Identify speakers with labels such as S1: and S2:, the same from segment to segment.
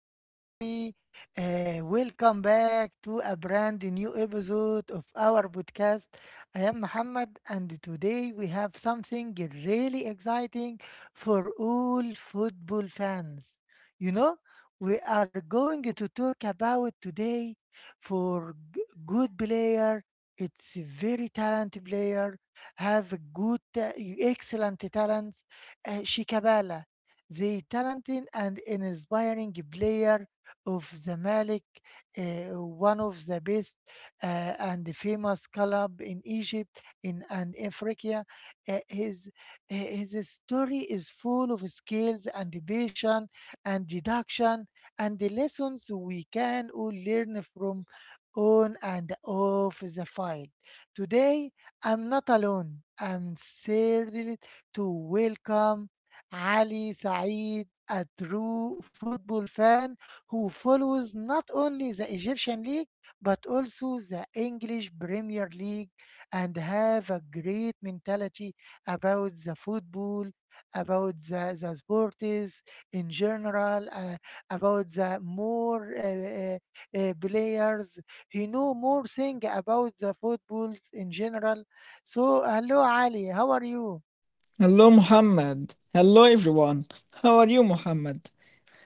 S1: very happy. Welcome back to a brand new episode of our podcast. I am Muhammad, and today we have something really exciting for all football fans. You know, we are going to talk about today for good player. It's a very talented player, have good, excellent talents. Shikabala the talented and inspiring player of Zamalek, one of the best uh, and famous club in Egypt in, and Africa. Uh, his, his story is full of skills and passion and deduction and the lessons we can all learn from on and off the file. Today, I'm not alone. I'm thrilled to welcome Ali Saeed, a true football fan who follows not only the Egyptian league but also the English Premier League and have a great mentality about the football, about the sports in general, about the more players. He know more thing about the footballs in general. So hello Ali, how are you?
S2: Hello, Muhammad. Hello, everyone. How are you, Muhammad?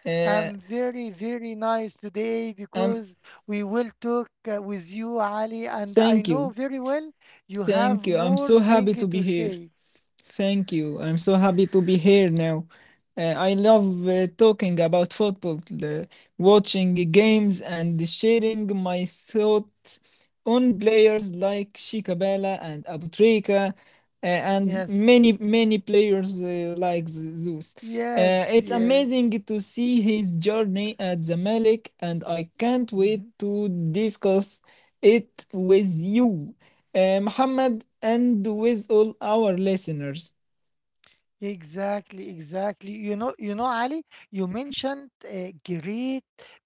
S2: Uh,
S1: I'm very, very nice today
S2: um,
S1: because we will talk with you, Ali, and I
S2: thank you.
S1: know very well you
S2: Thank
S1: have
S2: you. I'm
S1: more
S2: so happy
S1: thing
S2: to be
S1: to
S2: here.
S1: say.
S2: Thank you. I'm so happy to be here now. I love talking about football, watching games, and sharing my thoughts on players like Shikabala and Abutrika, and many,
S1: Yes,
S2: many players like Zeus.
S1: yes,
S2: It's
S1: yes.
S2: amazing to see his journey at Zamalek, and I can't wait to discuss it with you, Muhammad, and with all our listeners.
S1: Exactly, exactly. Ali, you mentioned great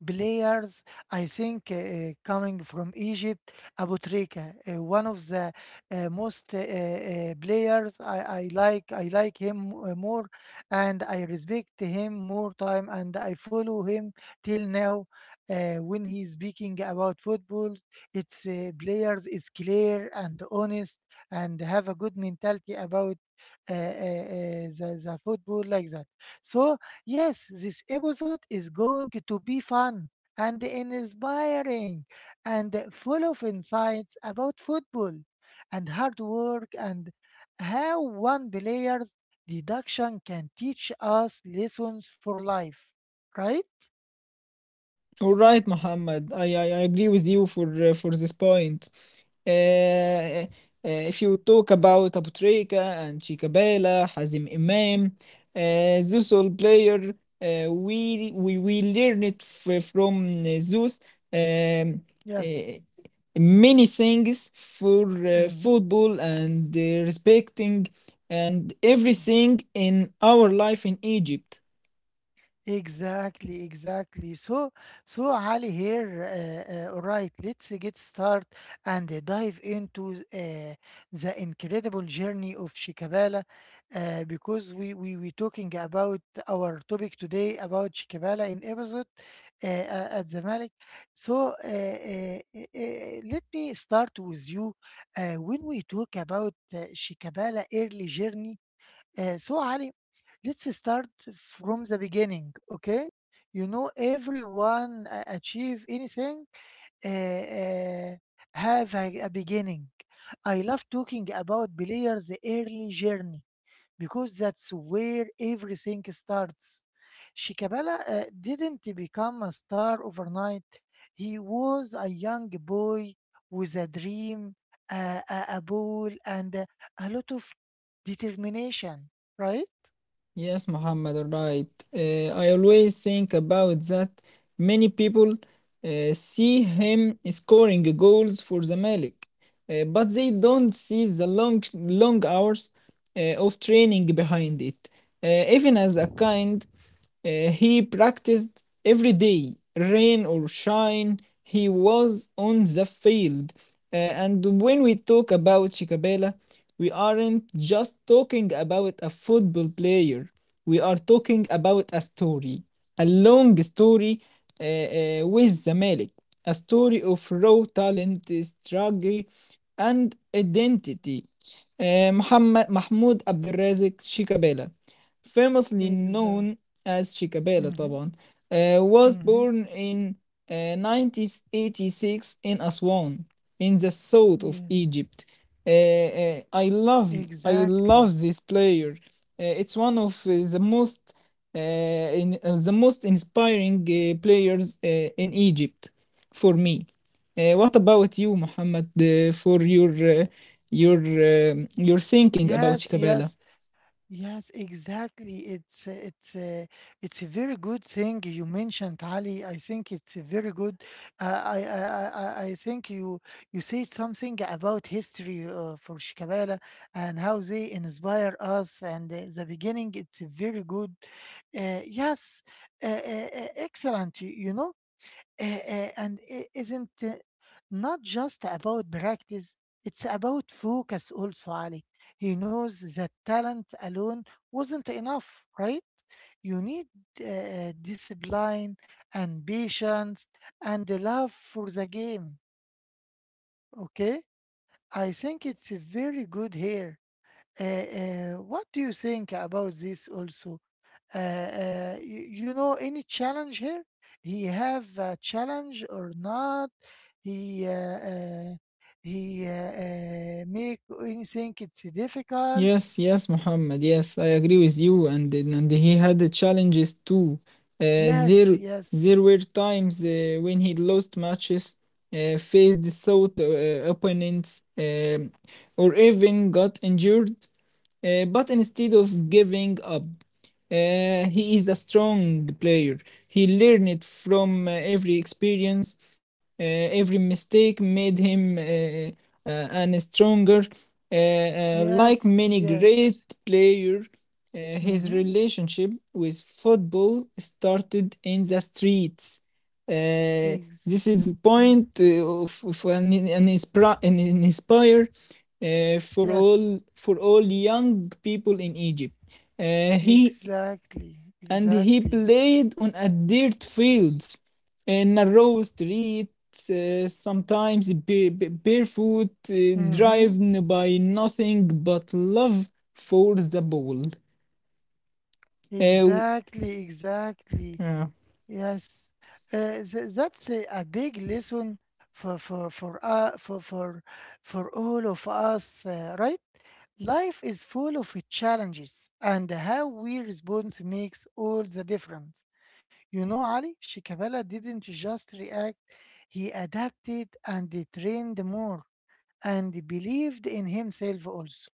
S1: players. I think coming from Egypt, Abu Trika, one of the most players. I like him more, and I respect him more time, and I follow him till now. When he's speaking about football, it's players is clear and honest and have a good mentality about the football like that. So, yes, this episode is going to be fun and inspiring and full of insights about football and hard work and how one player's deduction can teach us lessons for life, right?
S2: All right, Mohammed. I agree with you for this point. Uh, if you talk about Abu Treiga and Chikabela, Hazim Imam, those all player, we learn it from those um,
S1: Yes.
S2: uh, many things for
S1: Hmm.
S2: football and respecting and everything in our life in Egypt.
S1: Exactly, exactly. So, so Ali here. All right, let's get started and dive into the incredible journey of Shikabala, because we talking about our topic today about Shikabala in episode at the Malik. So, let me start with you when we talk about Shikabala early journey. So Ali. Let's start from the beginning, okay? You know, everyone achieve anything uh, uh, have a beginning. I love talking about players' early journey because that's where everything starts. Shikabala didn't become a star overnight. He was a young boy with a dream, a ball, and a lot of determination, right?
S2: Yes, Muhammad, right. I always think about that. Many people see him scoring goals for the Malik, but they don't see the long, long hours of training behind it. Even as a kind. He practiced every day, rain or shine, he was on the field. Uh, and when we talk about Chicabella, we aren't just talking about a football player, we are talking about a story, a long story with Zamalek, a story of raw talent, struggle, and identity. Muhammad Mahmoud Abdelrazik Chikabela famously known
S1: Exactly.
S2: as Chikabala,
S1: Mm-hmm.
S2: طبعا was
S1: Mm-hmm.
S2: born in 1986 in Aswan in the south of
S1: Yes.
S2: Egypt. Uh, uh, I love I
S1: Exactly.
S2: love this player. It's one of the most the most inspiring players in Egypt for me. What about you, Mohammed, for uh,
S1: Yeah.
S2: your thinking about
S1: Yes,
S2: Chicabella?
S1: yes, yes, exactly. It's a very good thing you mentioned, Ali. I think it's a very good. I think you said something about history for Shikabala and how they inspire us. And the beginning, it's a very good. Uh, yes, excellent. You know and it isn't not just about practice, it's about focus also, Ali. He knows that talent alone wasn't enough, right? You need discipline and patience and the love for the game, okay? I think it's very good here. What do you think about this also? You, you know any challenge here he have a challenge or not he he make anything it's difficult.
S2: Yes, yes, Muhammad. Yes, I agree with you. And he had the challenges too. Uh, there
S1: Yes,
S2: there
S1: yes,
S2: were times when he lost matches, faced south opponents, or even got injured. But instead of giving up, he is a strong player. He learned from every experience. Uh, every mistake made him and stronger. Like
S1: yes,
S2: many great
S1: yes.
S2: players, his
S1: Mm-hmm.
S2: relationship with football started in the streets. Uh,
S1: Ex-
S2: this is
S1: yeah.
S2: point of an, an inspire
S1: Yes,
S2: for all young people in Egypt. He
S1: exactly,
S2: and he
S1: exactly.
S2: played on a dirt fields in a narrow streets, sometimes barefoot,
S1: Mm-hmm.
S2: driven by nothing but love for the ball. Uh,
S1: Exactly, exactly.
S2: yeah.
S1: Yes, that's a big lesson for for for uh, for for for all of us, right? Life is full of challenges, and how we respond makes all the difference. You know, Ali Shikabala didn't just react; he adapted and he trained more, and he believed in himself also.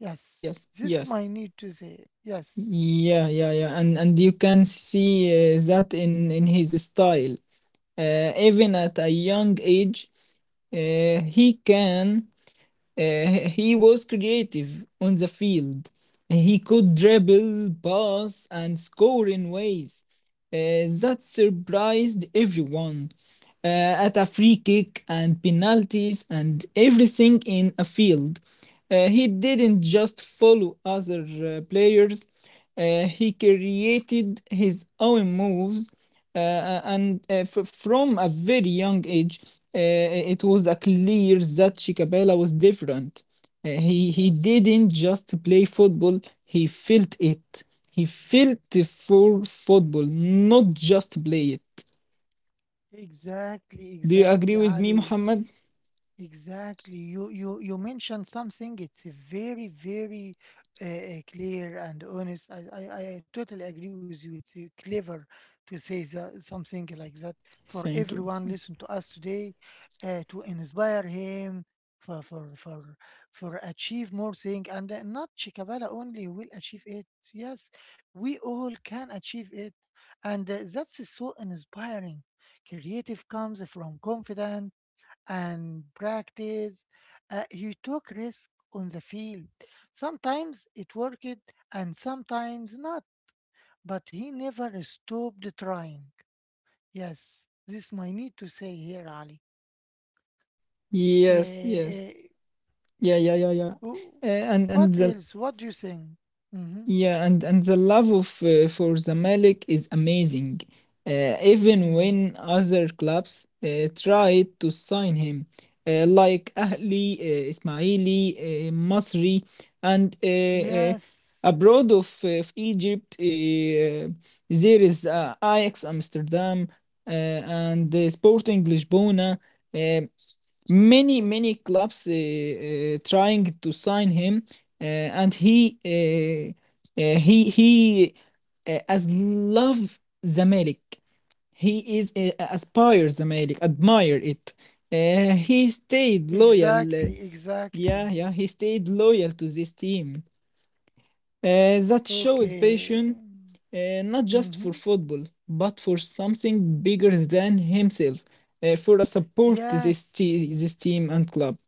S1: Yes,
S2: Yes,
S1: this
S2: yes.
S1: might need to say. Yes,
S2: Yeah, yeah, yeah. And you can see that in his style. Even at a young age, uh, he can he was creative on the field. He could dribble, pass, and score in ways that surprised everyone. At a free kick and penalties and everything in a field. He didn't just follow other players. He created his own moves from a very young age, uh, it was a clear that Shikabela was different. He
S1: yes,
S2: didn't just play football; he felt it. He felt for football, not just play it.
S1: exactly,
S2: Do you agree
S1: exactly,
S2: with me,
S1: Ali.
S2: Muhammad?
S1: Exactly. You mentioned something. It's a very very clear and honest. I totally agree with you. It's clever to say something like that for
S2: Thank you.
S1: everyone listen to us today, to inspire him for for for for achieve more thing and not Chikabala only will achieve it. Yes, we all can achieve it, and that's so inspiring. Creative comes from confidence and practice. You took risk on the field. Sometimes it worked and sometimes not, but he never stopped trying. Yes, this my need to say here, Ali.
S2: Yes,
S1: Uh, uh,
S2: yes, yeah, yeah, yeah, yeah.
S1: w- what
S2: And the
S1: else? What do you think? Mm-hmm.
S2: Yeah, and the love of for Zamalek is amazing. Even
S1: Mm.
S2: when other clubs tried to sign him, like Ahli, Ismaili, Masri, and
S1: Yes,
S2: abroad of Egypt, there is Ajax Amsterdam and Sporting Lisbona. Uh, Many many clubs trying to sign him and he uh, uh, he he as love Zamalek he is aspires Zamalek admire it he stayed loyal uh,
S1: exactly,
S2: yeah
S1: exactly.
S2: yeah he stayed loyal to this team that show is
S1: Okay.
S2: passion, not just for
S1: Mm-hmm.
S2: football, but for something bigger than himself, for a support this,
S1: Yes.
S2: this team and club.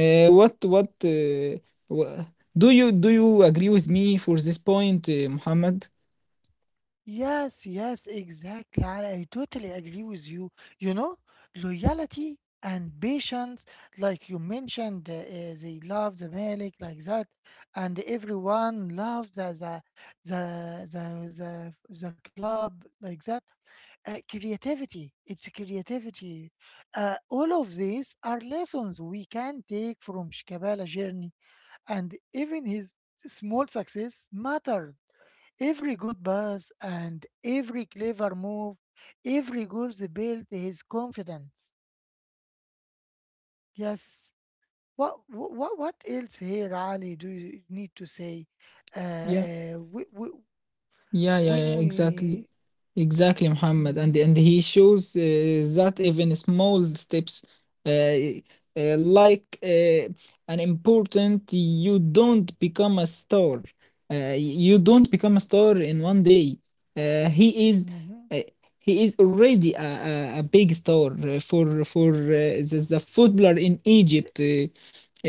S2: Uh, what what uh, wha- do you agree with me for this point, Muhammad?
S1: Yes, yes, exactly. I totally agree with you. You know, loyalty and patience, like you mentioned, they love the Malik like that, and everyone loves the the the the, the club like that. Creativity, it's creativity. All of these are lessons we can take from Shikabala journey, and even his small success mattered. Every good pass and every clever move, every goal built his confidence. Yes. What else here, Ali? Do you need to say? Uh,
S2: Yeah.
S1: uh, we, we,
S2: Yeah, yeah,
S1: when
S2: yeah, exactly.
S1: we
S2: Exactly, Muhammad. And
S1: Mhm,
S2: and he shows that even small steps uh, uh, like uh, an important you don't become a star. You don't become a star in one day. Uh, he is
S1: mhm.
S2: uh, he is already a big star for the footballer in
S1: E-
S2: Egypt uh,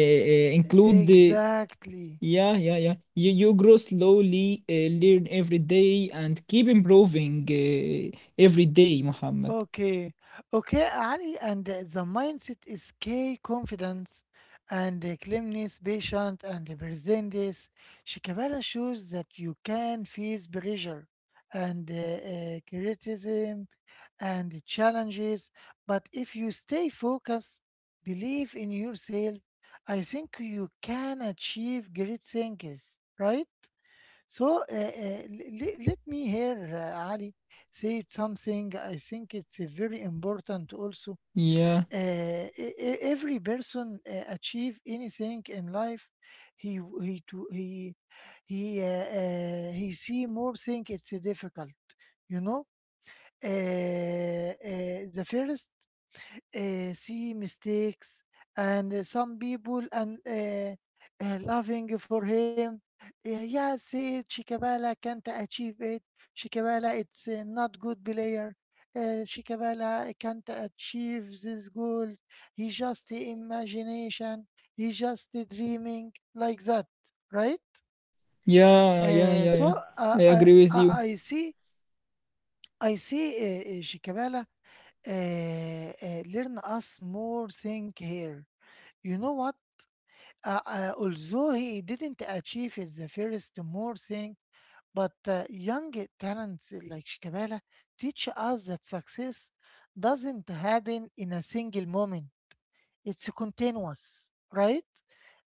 S2: uh, uh, include the.
S1: exactly.
S2: Yeah, yeah, yeah. You grow slowly, learn every day, and keep improving every day, Muhammad.
S1: Okay, okay, Ali, and the mindset is key confidence and calmness, patient and presentness. Shikabala shows that you can face pressure and criticism and challenges, but if you stay focused, believe in yourself, I think you can achieve great things, right? So let me hear Ali say something. I think it's very important also.
S2: Yeah,
S1: Uh, every person achieve anything in life, he w- he to, he he see more thing. It's difficult, you know. The first see mistakes and some people and laughing for him. Yeah, yeah, say Shikabala can't achieve it. Shikabala, it's not good player. Shikabala can't achieve this goal. He just imagination. He just dreaming like that, right?
S2: yeah, yeah,
S1: Uh,
S2: yeah,
S1: so
S2: yeah.
S1: uh,
S2: I
S1: I,
S2: agree with
S1: I
S2: you.
S1: I see I see Shikabala learn us more thing here you know what? Although he didn't achieve it the first more thing, but young talents like Shikabala teach us that success doesn't happen in a single moment. It's a continuous, right?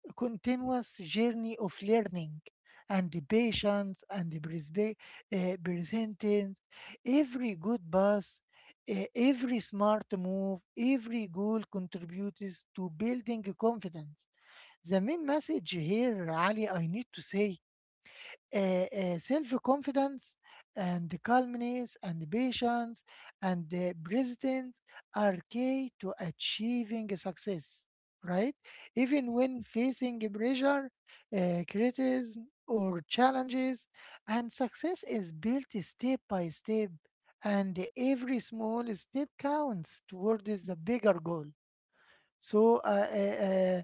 S1: A continuous journey of learning and the patience and the persistence. Every good pass, every smart move, every goal contributes to building confidence the main message here, Ali, I need to say uh, self confidence and calmness and patience and presence are key to achieving success, right? Even when facing pressure, criticism, or challenges, and success is built step by step, and every small step counts towards the bigger goal. So uh, uh, uh,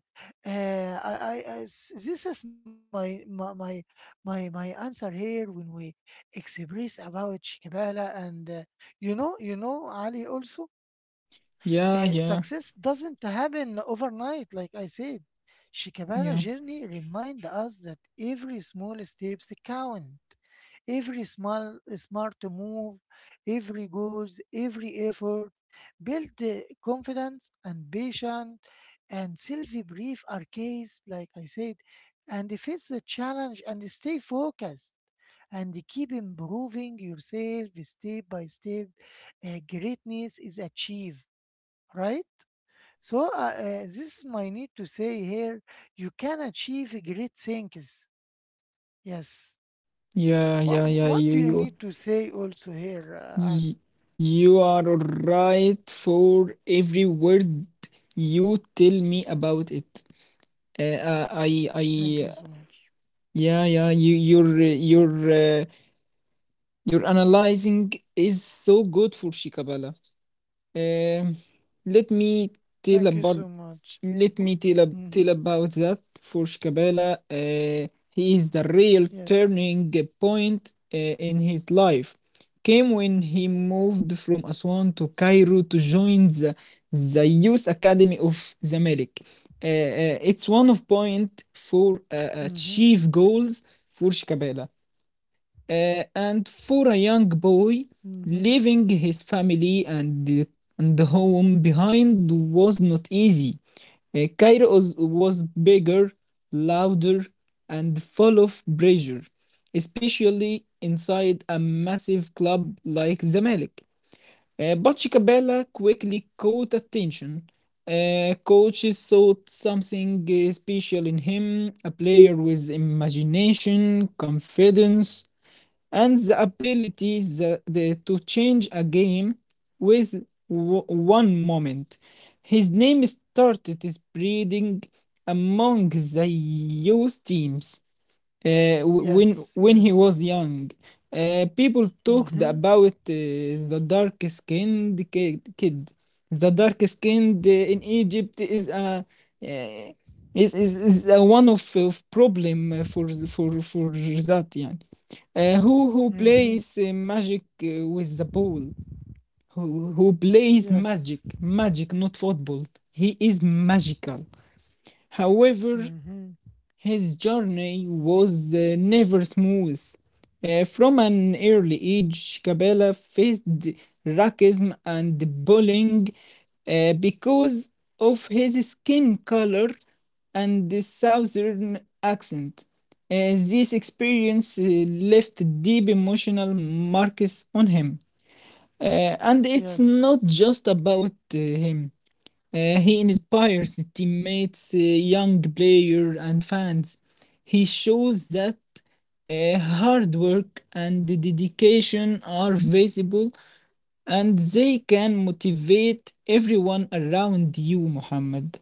S1: uh, I, I, I s- this is my answer here when we express about Shikabala and you know Ali also
S2: Yeah, yeah,
S1: success doesn't happen overnight like I said. Shikabala
S2: yeah,
S1: journey remind us that every small steps count. Every small, smart move, every goals, every effort build the confidence and patience and self-belief are keys, like I said, and face the challenge and stay focused and keep improving yourself step by step. Greatness is achieved, right? So this is my need to say here. You can achieve great things. Yes.
S2: yeah, yeah, yeah.
S1: What do you need to say also here, Ali?
S2: Y- you are right for every word you tell me about it.
S1: Thank you
S2: I
S1: so much.
S2: Yeah, yeah. Your your analyzing is so good for Shikabala. Um, let me tell
S1: Thank you
S2: about
S1: so much.
S2: let
S1: W-
S2: me tell, ab- tell
S1: Mhm.
S2: about that for Shikabala. He is the real
S1: Yes.
S2: turning point in his life. Came when he moved from Aswan to Cairo to join the Youth Academy of Zamalek. It's one of point four
S1: Mhm.
S2: chief goals for Shikabala and for a young boy,
S1: Mhm.
S2: leaving his family and home behind was not easy. Cairo was bigger, louder, and full of pressure, especially inside a massive club like Zamalek. But Shikabela quickly caught attention. Coaches saw something special in him, a player with imagination, confidence, and the ability to change a game with one moment. His name started spreading among the youth teams uh, w- when
S1: Yes.
S2: when he
S1: Yes.
S2: was young. People talked
S1: Mhm.
S2: about the dark skinned kid. The dark skinned in Egypt is a uh, is a one of problem for for that, yeah. Who
S1: Mhm.
S2: plays magic with the ball? Who plays
S1: Yes.
S2: magic? Magic, not football. He is magical. However,
S1: Mhm.
S2: his journey was never smooth. From an early age, Kabila faced racism and bullying because of his skin color and the southern accent. This experience left deep emotional marks on him. And it's
S1: Yes.
S2: not just about him. He inspires teammates, young players, and fans. He shows that hard work and dedication are visible and they can motivate everyone around you, Muhammad.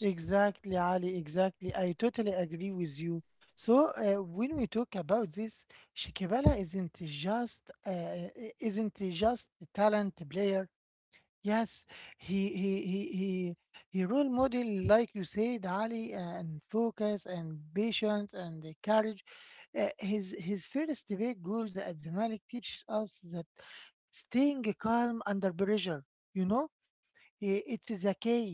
S1: Exactly, Ali. Exactly. I totally agree with you. So when we talk about this, Shikibala isn't just a talent player. Yes, he he role model like you said, Ali, and focus and patience and the courage. His his first big goals at Zamalek teaches us that staying calm under pressure, you know, it's the key,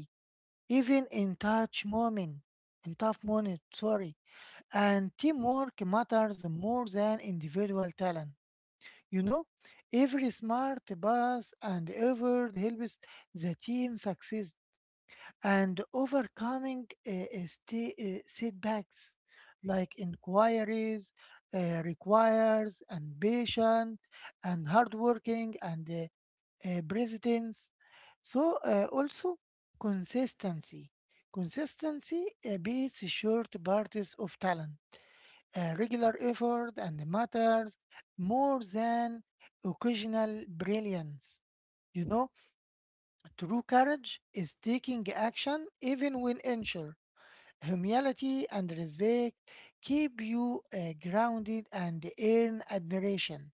S1: even in touch moment, in tough moment, sorry, and teamwork matters more than individual talent. You know, every smart pass and effort helps the team succeed and overcoming setbacks like inquiries requires and patient and hardworking and presidents. So also consistency. Consistency beats short parties of talent regular effort and matters more than occasional brilliance. You know, true courage is taking action even when unsure. Humility and respect keep you grounded and earn admiration.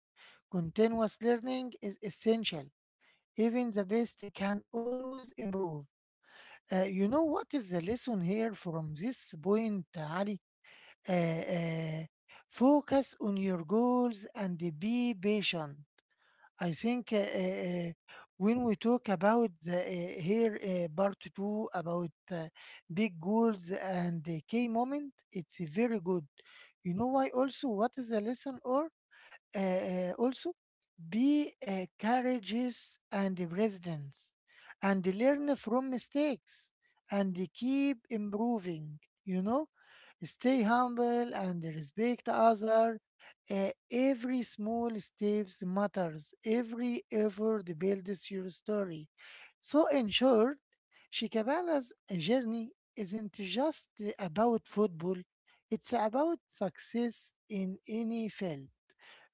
S1: Continuous learning is essential. Even the best can always improve. You know what is the lesson here from this point, Ali? Uh, uh, Focus on your goals and be patient. I think when we talk about here part two about big goals and the key moment, it's very good. You know why also what is the lesson or also be courageous and residence and learn from mistakes and keep improving. You know Stay humble and respect other. Every small steps matters. Every effort builds your story. So in short, Shikabana's journey isn't just about football. It's about success in any field.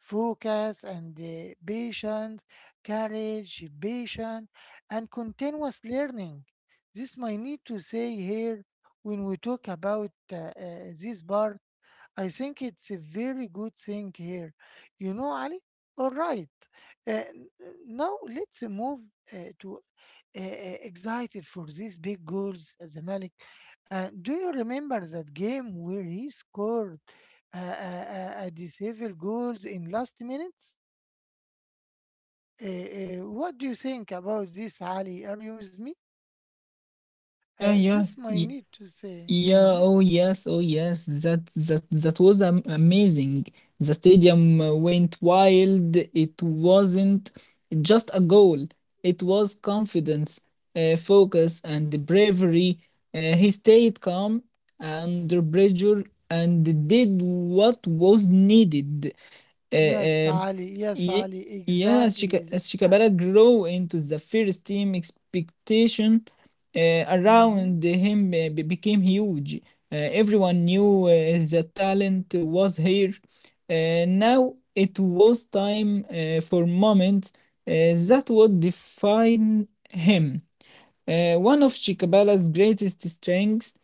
S1: Focus and patience, courage, patience, and continuous learning. This might need to say here when we talk about this part, I think it's a very good thing here. You know, Ali? All right. Uh, n- Now let's move to excited for these big goals as a Malik. Do you remember that game where he scored disabled goals in last minutes? What do you think about this, Ali? Are you with me?
S2: Yeah, yeah,
S1: This might
S2: y-
S1: need to say.
S2: Yeah,
S1: Mm-hmm.
S2: oh yes, oh yes. That was amazing. The stadium went wild. It wasn't just a goal. It was confidence, focus, and bravery. He stayed calm under pressure and did what was needed. Uh,
S1: Yes,
S2: uh,
S1: Ali. Yes,
S2: ye-
S1: Ali.
S2: yeah, as
S1: Exactly.
S2: Shika- as
S1: Uh,
S2: Shikabara grew into the first team expectation
S1: mhm.
S2: around him became huge. Everyone knew that talent was here. Now it was time for moments that would define him. One of Chikabala's greatest strengths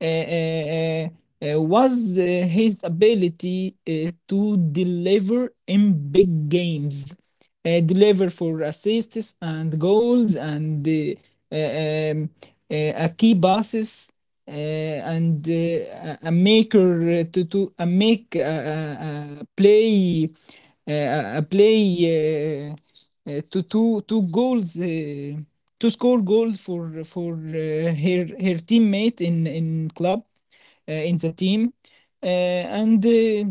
S2: uh, uh, uh, was his ability to deliver in big games, deliver for assists and goals and a key passes and a maker to a make a, a play a play. To two goals to score goals for her teammate in club in the team and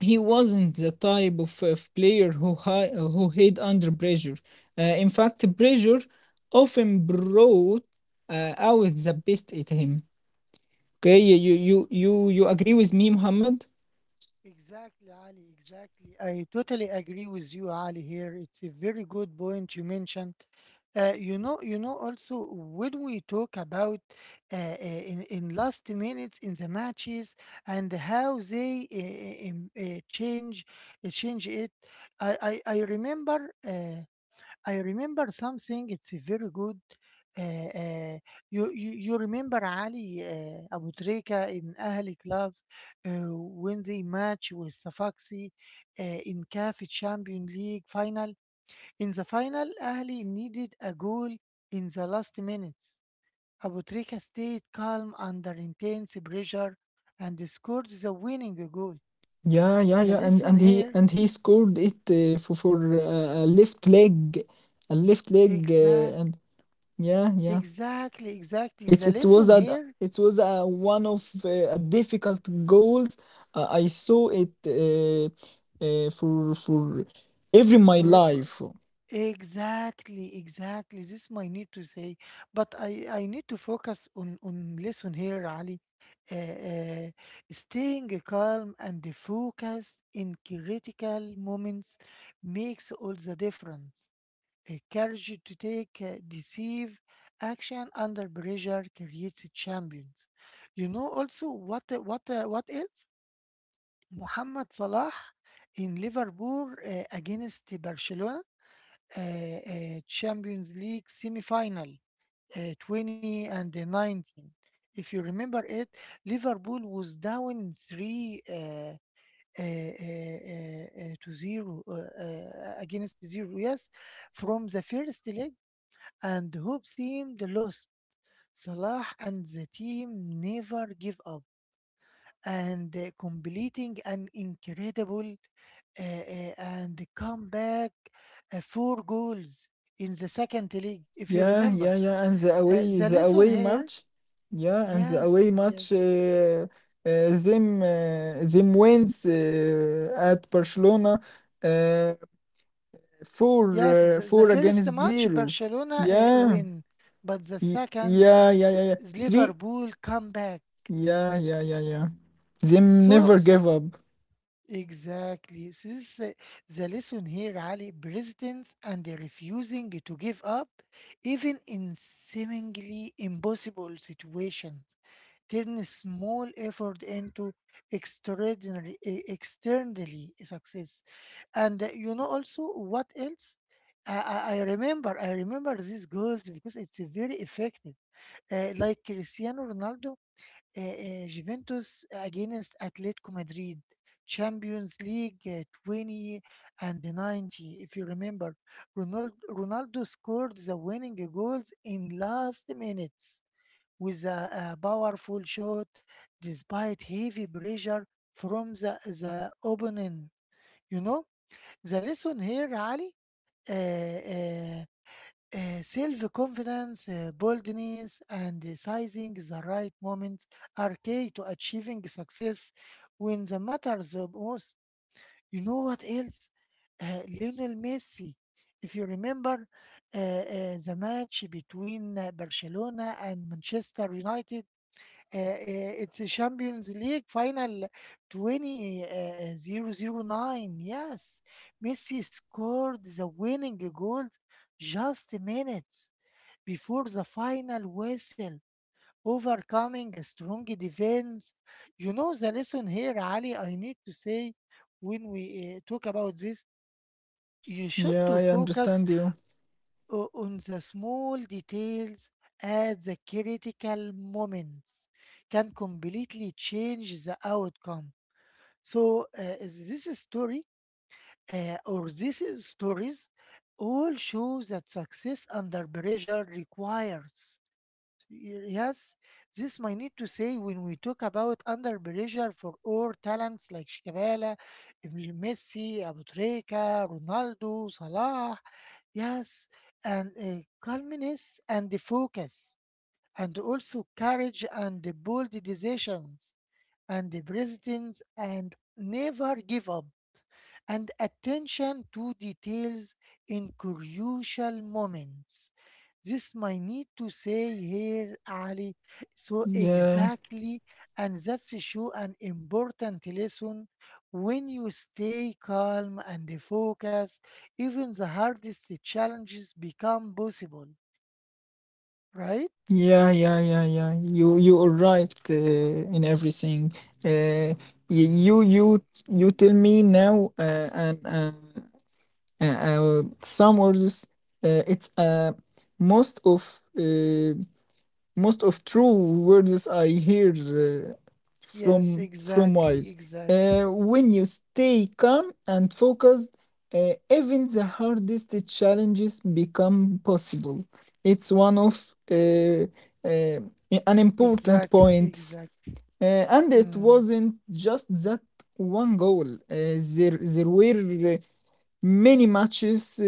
S2: he wasn't the type of player who hid under pressure in fact pressure often brought out the best in him. Okay, you agree with me, Muhammad?
S1: Exactly, Ali. Exactly. I totally agree with you, Ali. Here, it's a very good point you mentioned. Also, when we talk about in last minutes in the matches and how they change change it, I I remember. I remember something. It's a very good. Uh, uh, you remember Ali Abu Trika in Ahli clubs when they match with Safaxi uh, in CAF Champions League final. In the final, Ahli needed a goal in the last minutes. Abu Trika stayed calm under intense pressure and scored the winning goal.
S2: Yeah, yeah,
S1: The
S2: yeah. and
S1: lesson
S2: and he
S1: here,
S2: and he scored it for a left leg,
S1: exact,
S2: and yeah, yeah.
S1: exactly.
S2: It's
S1: The
S2: it was
S1: lesson
S2: a
S1: here,
S2: it was a one of a difficult goals. I saw it for every my life.
S1: exactly, exactly. This is my need to say, but I need to focus on listen here, Ali. Uh, uh, staying calm and focused in critical moments makes all the difference. A courage to take decisive action under pressure creates champions. You know also what what else? Mohamed Salah in Liverpool against Barcelona Champions League semi-final 20 and 19. If you remember it, Liverpool was down 3 to 0 against 0, yes, from the first leg, and hope seemed lost. Salah and the team never give up and completing an incredible and comeback four goals in the second league, if you
S2: Yeah,
S1: remember.
S2: yeah, yeah, and the away
S1: The
S2: the
S1: lesson
S2: away
S1: here,
S2: match. Yeah, and the away
S1: yes, yes,
S2: match. Them wins at Barcelona. Uh, Four,
S1: yes, the
S2: four
S1: first
S2: against
S1: match
S2: zero.
S1: Barcelona
S2: Yeah,
S1: win, but the second
S2: yeah, yeah, yeah, yeah.
S1: is
S2: Three.
S1: Liverpool comeback.
S2: Yeah, yeah, yeah, yeah. Them
S1: So
S2: never give up.
S1: Exactly. So this is, the lesson here, Ali. Persistence and the refusing to give up, even in seemingly impossible situations, turn small effort into extraordinary, externally success. And you know also what else? I I remember these goals because it's very effective. Like Cristiano Ronaldo, Juventus against Atletico Madrid, Champions League 20 and 90. If you remember, Ronaldo scored the winning goals in last minutes with a powerful shot despite heavy pressure from the opponent. You know, the lesson here, Ali, uh, uh, self-confidence, boldness, and sizing the right moment are key to achieving success when the matters the most. You know what else? Lionel Messi. If you remember the match between Barcelona and Manchester United, uh, uh, it's a Champions League final 2009. Yes, Messi scored the winning goal just minutes before the final whistle, overcoming a strong defense. You know the lesson here, Ali. I need to say when we talk about this, you should
S2: Yeah,
S1: to
S2: I
S1: focus
S2: understand you.
S1: on the small details at the critical moments can completely change the outcome. So this story or these stories all show that success under pressure requires yes, this might need to say when we talk about under pressure for all talents like Shikabala, Messi, Abu Treka, Ronaldo, Salah. Yes, and calmness and the focus, and also courage and the bold decisions and the presidents and never give up and attention to details in crucial moments. This might need to say here, Ali. So
S2: Yeah,
S1: exactly, and that's show an important lesson. When you stay calm and focused, even the hardest challenges become possible, right?
S2: yeah, yeah, yeah, yeah. You are right in everything. Uh, you tell me now, and uh, some words. It's most of Most of true words I hear
S1: Yes,
S2: from wild. When you stay calm and focused, even the hardest challenges become possible. It's one of uh, uh, an important
S1: exactly,
S2: point,
S1: exactly.
S2: and it
S1: Mm,
S2: wasn't just that one goal. There were many matches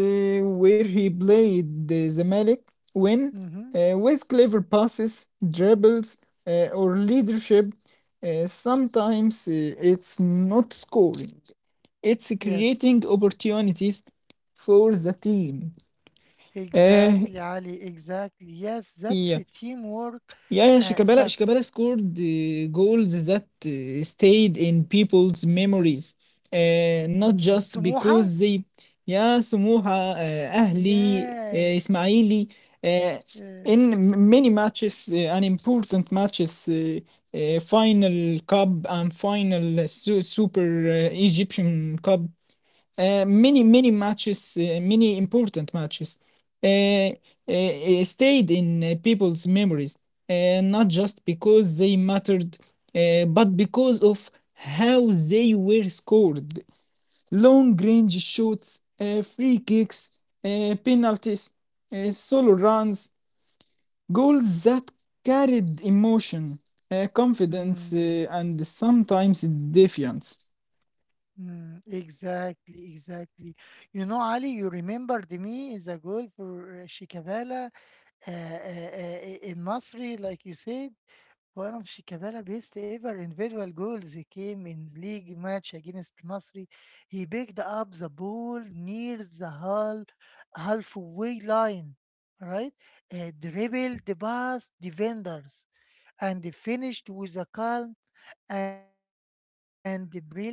S2: where he played the Zamalek when
S1: mm-hmm.
S2: with clever passes, dribbles, or leadership, sometimes it's not scoring, it's creating
S1: Yes.
S2: opportunities for the team. Uh,
S1: Exactly, Ali. Exactly. Yes,
S2: yeah,
S1: that's a teamwork
S2: Yeah, yeah, Shikabala, Shikabala
S1: sucks.
S2: scored goals that stayed in people's memories, not
S1: Mm,
S2: just
S1: سموحة?
S2: because they, yeah, سموحة, أهلي,
S1: Yes.
S2: إسماعيلي, uh,
S1: Yeah.
S2: in many matches and important matches, final cup and super Egyptian cup, many matches, many important matches, uh, stayed in people's memories, not just because they mattered, but because of how they were scored. Long range shots, free kicks, penalties, solo runs, goals that carried emotion, confidence,
S1: Mm,
S2: and sometimes defiance.
S1: exactly, exactly. You know, Ali, you remembered me as a goal for Shikabala in Masri, like you said. One of Shikabala's best ever individual goals came in league match against Nasri. He picked up the ball near the halfway line, right? Dribbled past defenders and finished with a calm and brilliant strike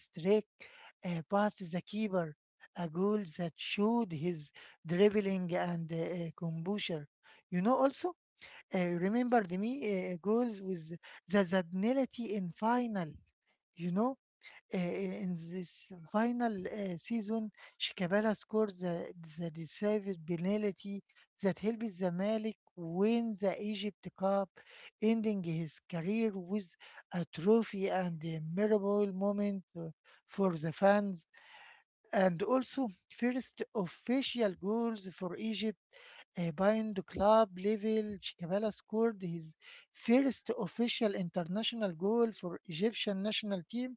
S1: past the keeper. A goal that showed his dribbling and composure. You know, also remember the me goals with the penalty in final. You know, in this final season, Shikabala scored the decided penalty that helped Zamalek win the Egypt Cup, ending his career with a trophy and a memorable moment for the fans. And also, first official goals for Egypt bind club level, Chikabala scored his first official international goal for Egyptian national team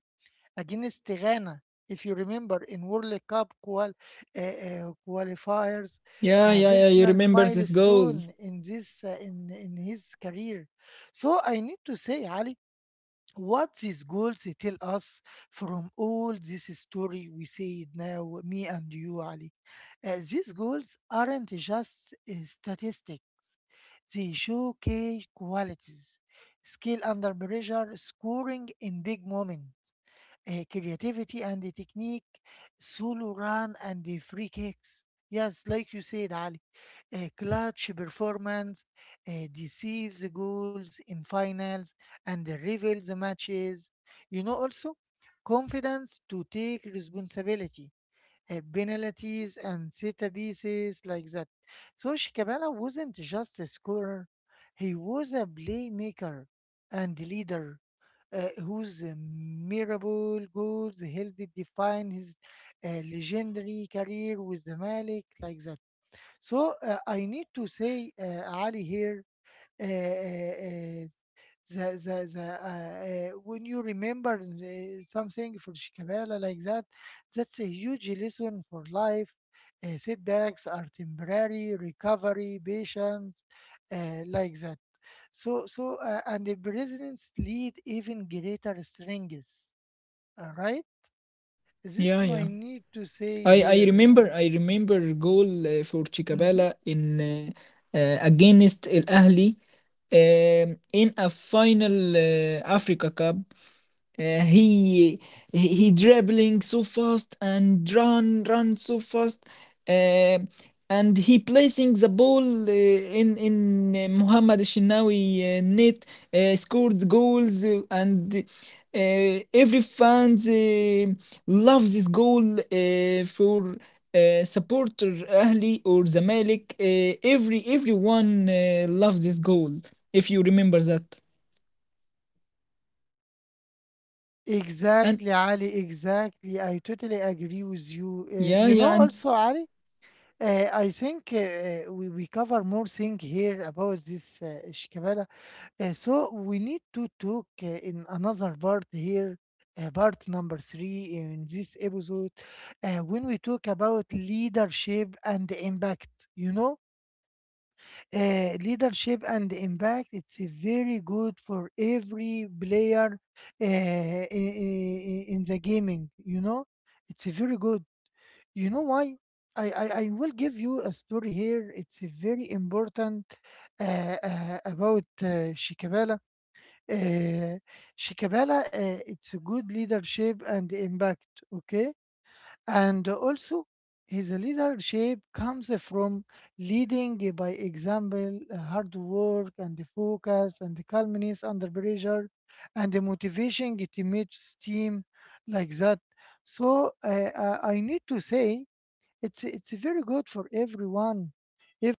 S1: against Ghana. If you remember, in World Cup qualifiers,
S2: Yeah,
S1: a
S2: yeah, yeah. You
S1: personal
S2: remember this goal?
S1: milestone in this in his career. So I need to say, Ali, what these goals tell us from all this story we say it now me and you ali. These goals aren't just statistic, they show key qualities, skill under pressure scoring in big moments, creativity and the technique, solo run and the free kicks. Yes, like you said, Ali, clutch performance deceives goals in finals and reveals matches. You know, also confidence to take responsibility, penalties and set pieces like that. So Shikabala wasn't just a scorer; he was a playmaker and leader whose memorable goals helped define his legendary career with the Malik, like that. So I need to say, Ali, here, uh, uh, uh, when you remember something for Shikabala like that, that's a huge lesson for life. Setbacks are temporary, recovery, patience, like that. So and the presidents lead even greater strings. All right, this
S2: Yeah,
S1: my
S2: yeah.
S1: need to say
S2: I I remember
S1: here.
S2: I remember goal for
S1: Uh hmm.
S2: Chicabala in against Al Ahly, in a final Africa Cup. Uh, he he dribbling so fast and run so fast uh, and he placing the ball, in Mohamed Shinawi net, scored goals, and every fans loves this goal for supporter Ahli or Zamalek, every everyone loves this goal, if you remember that. and
S1: Exactly, Ali. Exactly, I totally agree with you.
S2: yeah
S1: You know,
S2: yeah and
S1: also, Ali. I think we cover more thing here about this Shikabala. So we need to talk in another part here, part number 3 in this episode, when we talk about leadership and the impact. You know, leadership and the impact. It's a very good for every player in the gaming. You know, it's a very good. You know why? I will give you a story here. It's a very important about Shikabala. Uh, Shikabala, it's a good leadership and impact, okay? And also, his leadership comes from leading by example, hard work and focus and calmness under pressure and motivation teammates team like that. So I need to say it's very good for everyone. If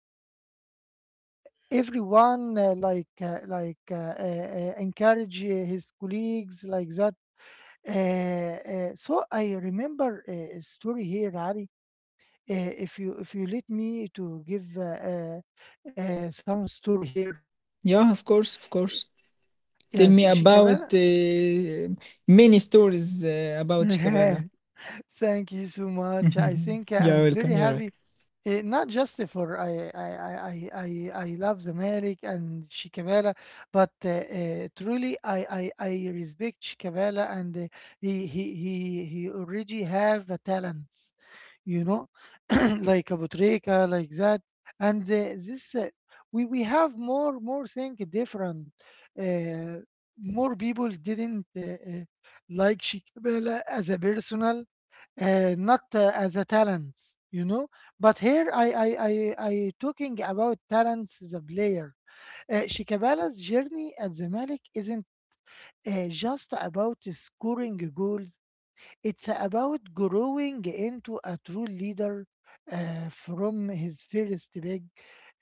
S1: everyone encourage his colleagues like that. So I remember a story here, Ali. If you let me to give some story here.
S2: yeah, of course, of course. Tell
S1: Yes,
S2: me about
S1: Shikabana.
S2: many stories about Chicabella.
S1: Thank you so much. I think
S2: You're
S1: I'm
S2: welcome.
S1: very
S2: You're right.
S1: happy. Eh, not just for I love Zamalek and Shikabala, but truly I I respect Shikabala and he already have a talents, you know, like Abutrika, like that, and this we have more thing different. Uh, more people didn't like Shikabala as a personal not as a talent, you know. But here I talking about talents as a player. Shikabala's journey at Zamalek isn't just about scoring goals, it's about growing into a true leader from his first big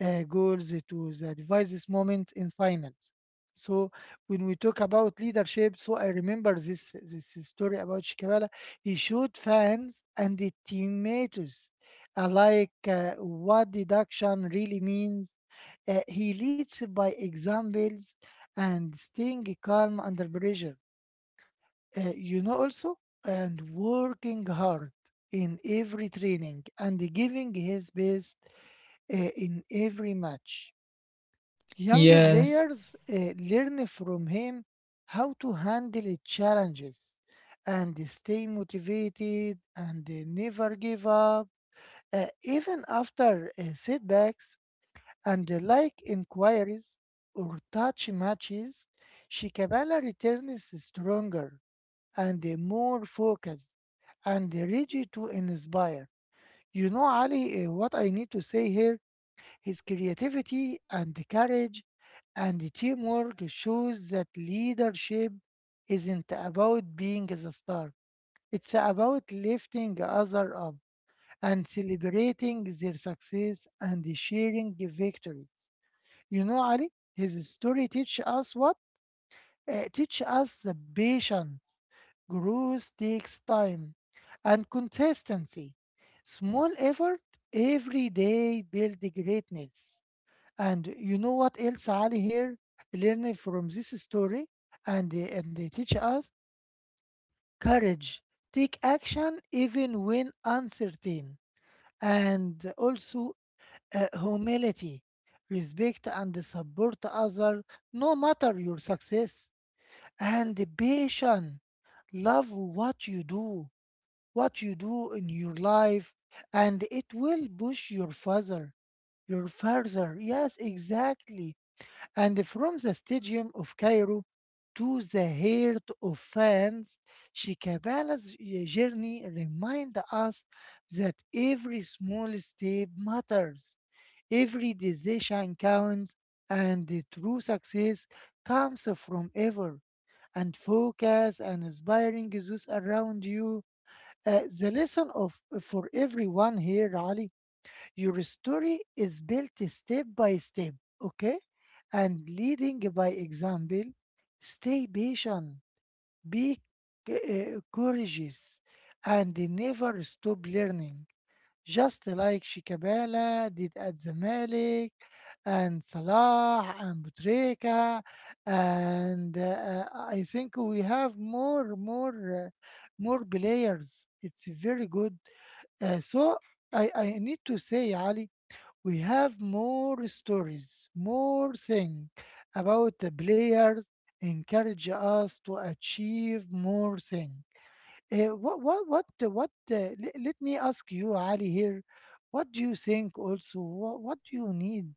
S1: goals to the devices moment in finals. So when we talk about leadership, so I remember this story about Shikabala. He showed fans and the teammates alike what deduction really means. He leads by examples and staying calm under pressure you know also and working hard in every training and giving his best in every match young
S2: Yes.
S1: players learn from him how to handle challenges and stay motivated and never give up even after setbacks and like inquiries or touch matches shikabala returns stronger and more focused and ready to inspire. You know, Ali, what I need to say here, his creativity and courage and teamwork shows that leadership isn't about being the star. It's about lifting others up and celebrating their success and sharing victories. You know, Ali, his story teaches us what? Teach us the patience. Growth takes time and consistency. Small effort every day build greatness. And you know what else, Ali? Here learning from this story and they teach us courage. Take action even when uncertain. And also humility. Respect and support others no matter your success and the patient. Love what you do in your life and it will push your father your father, yes exactly, and from the stadium of Cairo to the heart of fans, Shikabala's journey reminds us that every small step matters, every decision counts, and the true success comes from ever and focus and inspiring those around you. The lesson of for everyone here, Ali, your story is built step by step, okay? And leading by example, stay patient, be courageous, and never stop learning. Just like Shikabala did at Zamalek, and Salah, and Butreka, and I think we have more players. It's very good. So I need to say, Ali, we have more stories, more things about the players encourage us to achieve more things. What the- what le- Let me ask you, Ali, here what do you think also, what do you need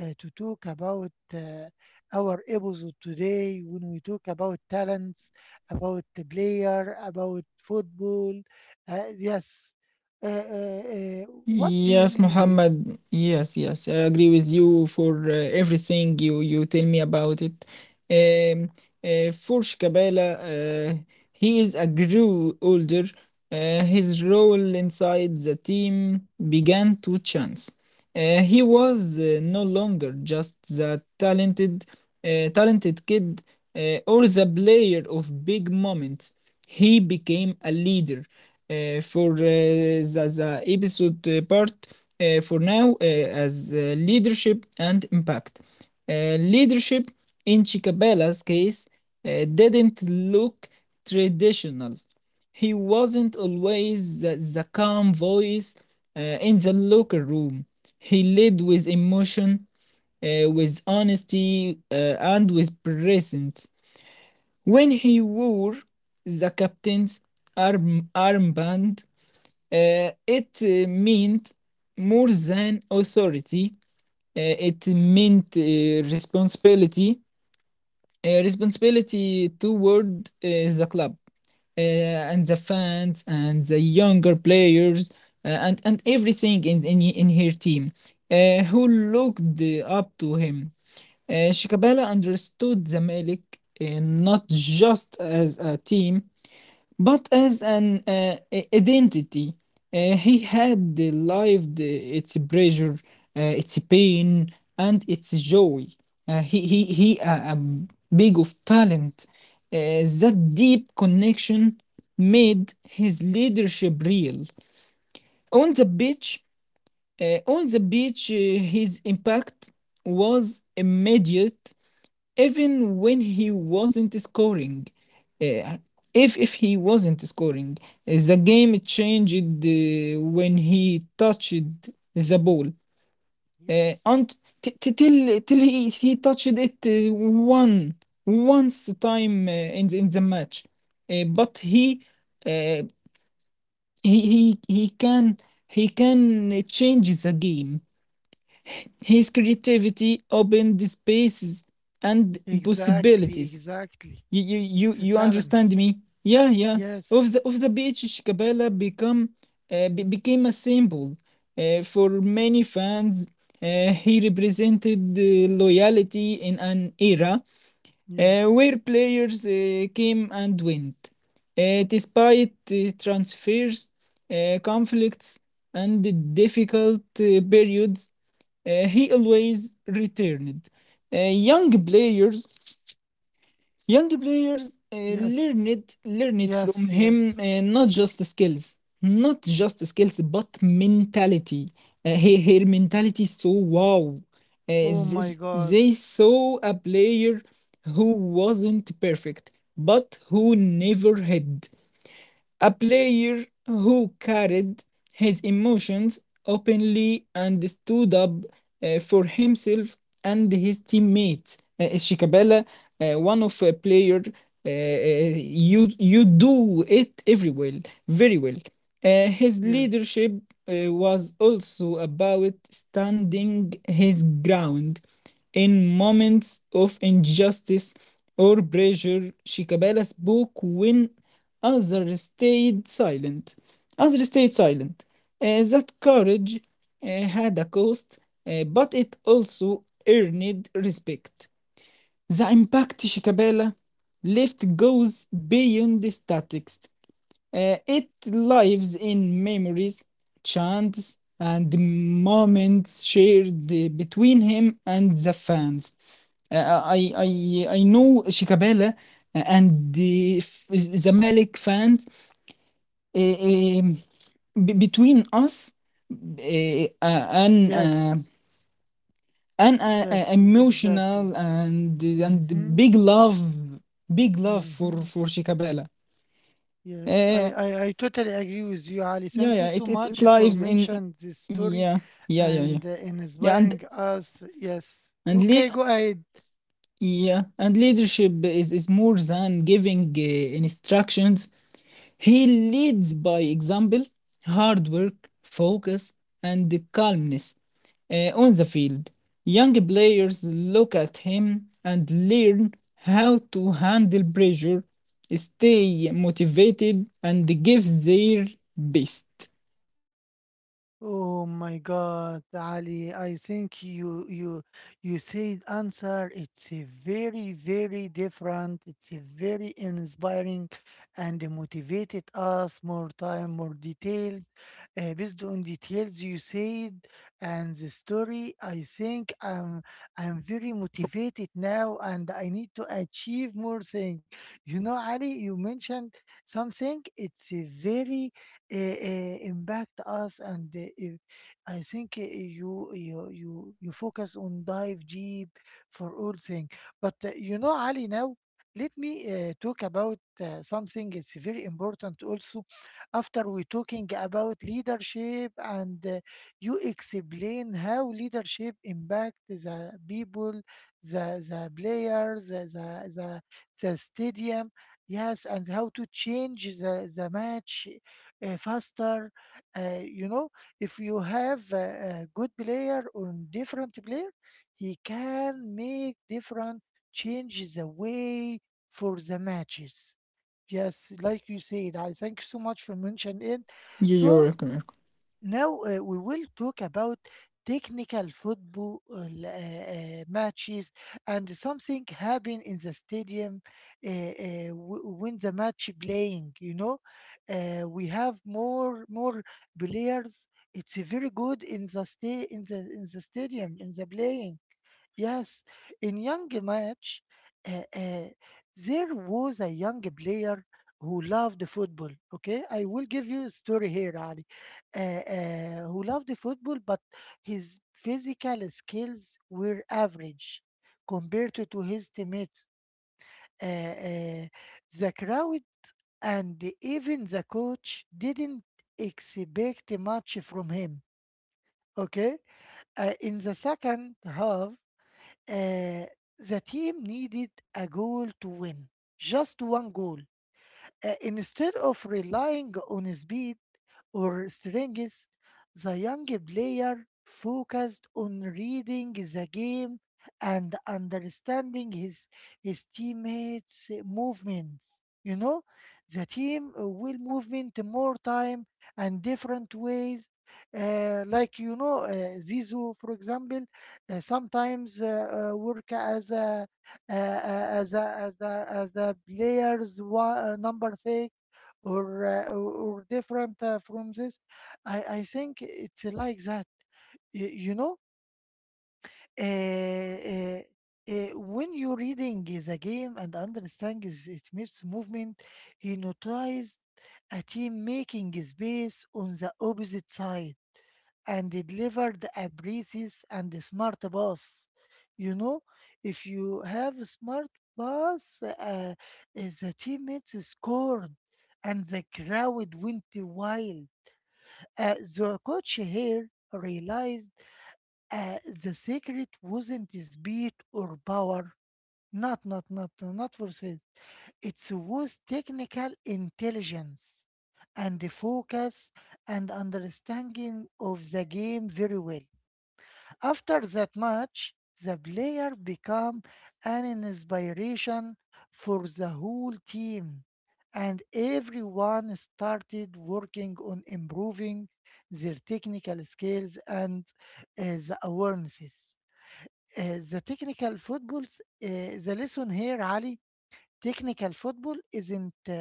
S1: to talk about our episode today when we talk about talents, about the player, about football. Yes. uh, uh, uh, what do you
S2: Yes,
S1: need it?
S2: Mohammed. Yes, yes, I agree with you for everything you you tell me about it. Um, for Shkabela, he is a grew older. His role inside the team began to chance. He was no longer just the talented kid or the player of big moments. He became a leader for the episode part for now as leadership and impact. Leadership in Chicabella's case didn't look traditional. He wasn't always the calm voice in the locker room. He led with emotion, with honesty, and with presence. When he wore the captain's armband, it meant more than authority. Uh, it meant responsibility. Responsibility toward the club and the fans and the younger players, and everything in her team who looked up to him. Shikabala understood Zamalek uh, not just as a team, but as an identity. He had lived its pressure, its pain, and its joy. He a big of talent. That deep connection made his leadership real. On the beach, his impact was immediate even when he wasn't scoring. Uh, if he wasn't scoring, the game changed when he touched the ball. Uh,
S1: Yes.
S2: and t- t- till till he touched it one once time in the match, but uh, he he he can he can change the game. His creativity opened spaces and
S1: Exactly,
S2: possibilities.
S1: exactly.
S2: You you you
S1: It's a
S2: you understand
S1: talents.
S2: me? Yeah, yeah.
S1: Yes,
S2: Of the beach, Shikabala become, became a symbol for many fans. He represented the loyalty in an era where
S1: yes,
S2: players came and went. Despite transfers, conflicts, and the difficult periods, he always returned. Uh, young players Young players uh, learn
S1: yes,
S2: it learn it from
S1: yes,
S2: him,
S1: yes.
S2: not just skills, not just skills, but mentality. Her mentality is so wow. Uh,
S1: Oh
S2: z-
S1: my
S2: z-
S1: God.
S2: they saw a player who wasn't perfect but who never had a player who carried his emotions openly and stood up for himself and his teammates. Shikabala, one of a player, you you do it every well, very well. His
S1: Yes.
S2: leadership was also about standing his ground. In moments of injustice or pressure, Shikabala spoke when others stayed silent. Others stayed silent. That courage had a cost, but it also earned respect. The impact Shikabala left goes beyond the statistics. It lives in memories, chants, and moments shared between him and the fans. I know Shikabala and the Zamalek fans, uh, um, between us uh, uh, an uh,
S1: Yes.
S2: an
S1: Yes, exactly.
S2: emotional and
S1: Mm-hmm.
S2: big love, big love
S1: Mm-hmm.
S2: for Shikabala.
S1: Yes, I totally agree with you, Ali.
S2: Yeah,
S1: Thank you
S2: yeah.
S1: so
S2: It
S1: much for
S2: lives in,
S1: mentioning this story
S2: yeah, yeah, yeah, yeah.
S1: and in
S2: Yeah, and
S1: inspiring us. Yes.
S2: and le-
S1: Okay, go ahead.
S2: yeah, and leadership is more than giving instructions. He leads by example, hard work, focus, and the calmness on the field. Young players look at him and learn how to handle pressure, stay motivated, and give their best.
S1: Oh my God, Ali, I think you said answer. It's a very, very different. It's a very inspiring and motivated us more time, more details. Based on details you said and the story, I think I'm very motivated now and I need to achieve more things. You know, Ali, you mentioned something. It's a very impact us and I think uh, you focus on dive deep for all things, but you know, Ali, now let me talk about something, it's very important also after we talking about leadership and you explain how leadership impact the people, the players, the the, the, the, stadium. Yes. And how to change the match faster. You know, if you have a good player or different player, he can make different changes away for the matches. Yes, like you said, I thank you so much for mentioning it.
S2: Yeah, you're
S1: So
S2: welcome.
S1: now, we will talk about technical football, matches and something happen in the stadium when the match playing, you know, we have more players. It's very good in the stay in the stadium in the playing. Yes, in young match, uh, uh, there was a young player who loved football. Okay, I will give you a story here, Ali. Who loved the football, but his physical skills were average compared to his teammates. Uh, uh, the crowd and even the coach didn't expect much from him. Okay, in the second half, uh, the team needed a goal to win, just one goal. Instead of relying on speed or strength, the young player focused on reading the game and understanding his teammates' movements. You know, the team will movement more time and different ways. Like you know, Zizou, for example, sometimes work as a players number 6 or different from this. I think it's like that. You know, uh, uh, when you're reading the game and understanding its movement, he notices a team making space on the opposite side and delivered a precise and smart pass. You know, if you have a smart pass, is the teammates scored and the crowd went wild. The coach here realized the secret wasn't speed or power. Not, not, not, not for sales. It was technical intelligence and the focus and understanding of the game very well. After that match, the player become an inspiration for the whole team, and everyone started working on improving their technical skills and uh, the awarenesses. The technical football, the lesson here, Ali, technical football isn't uh,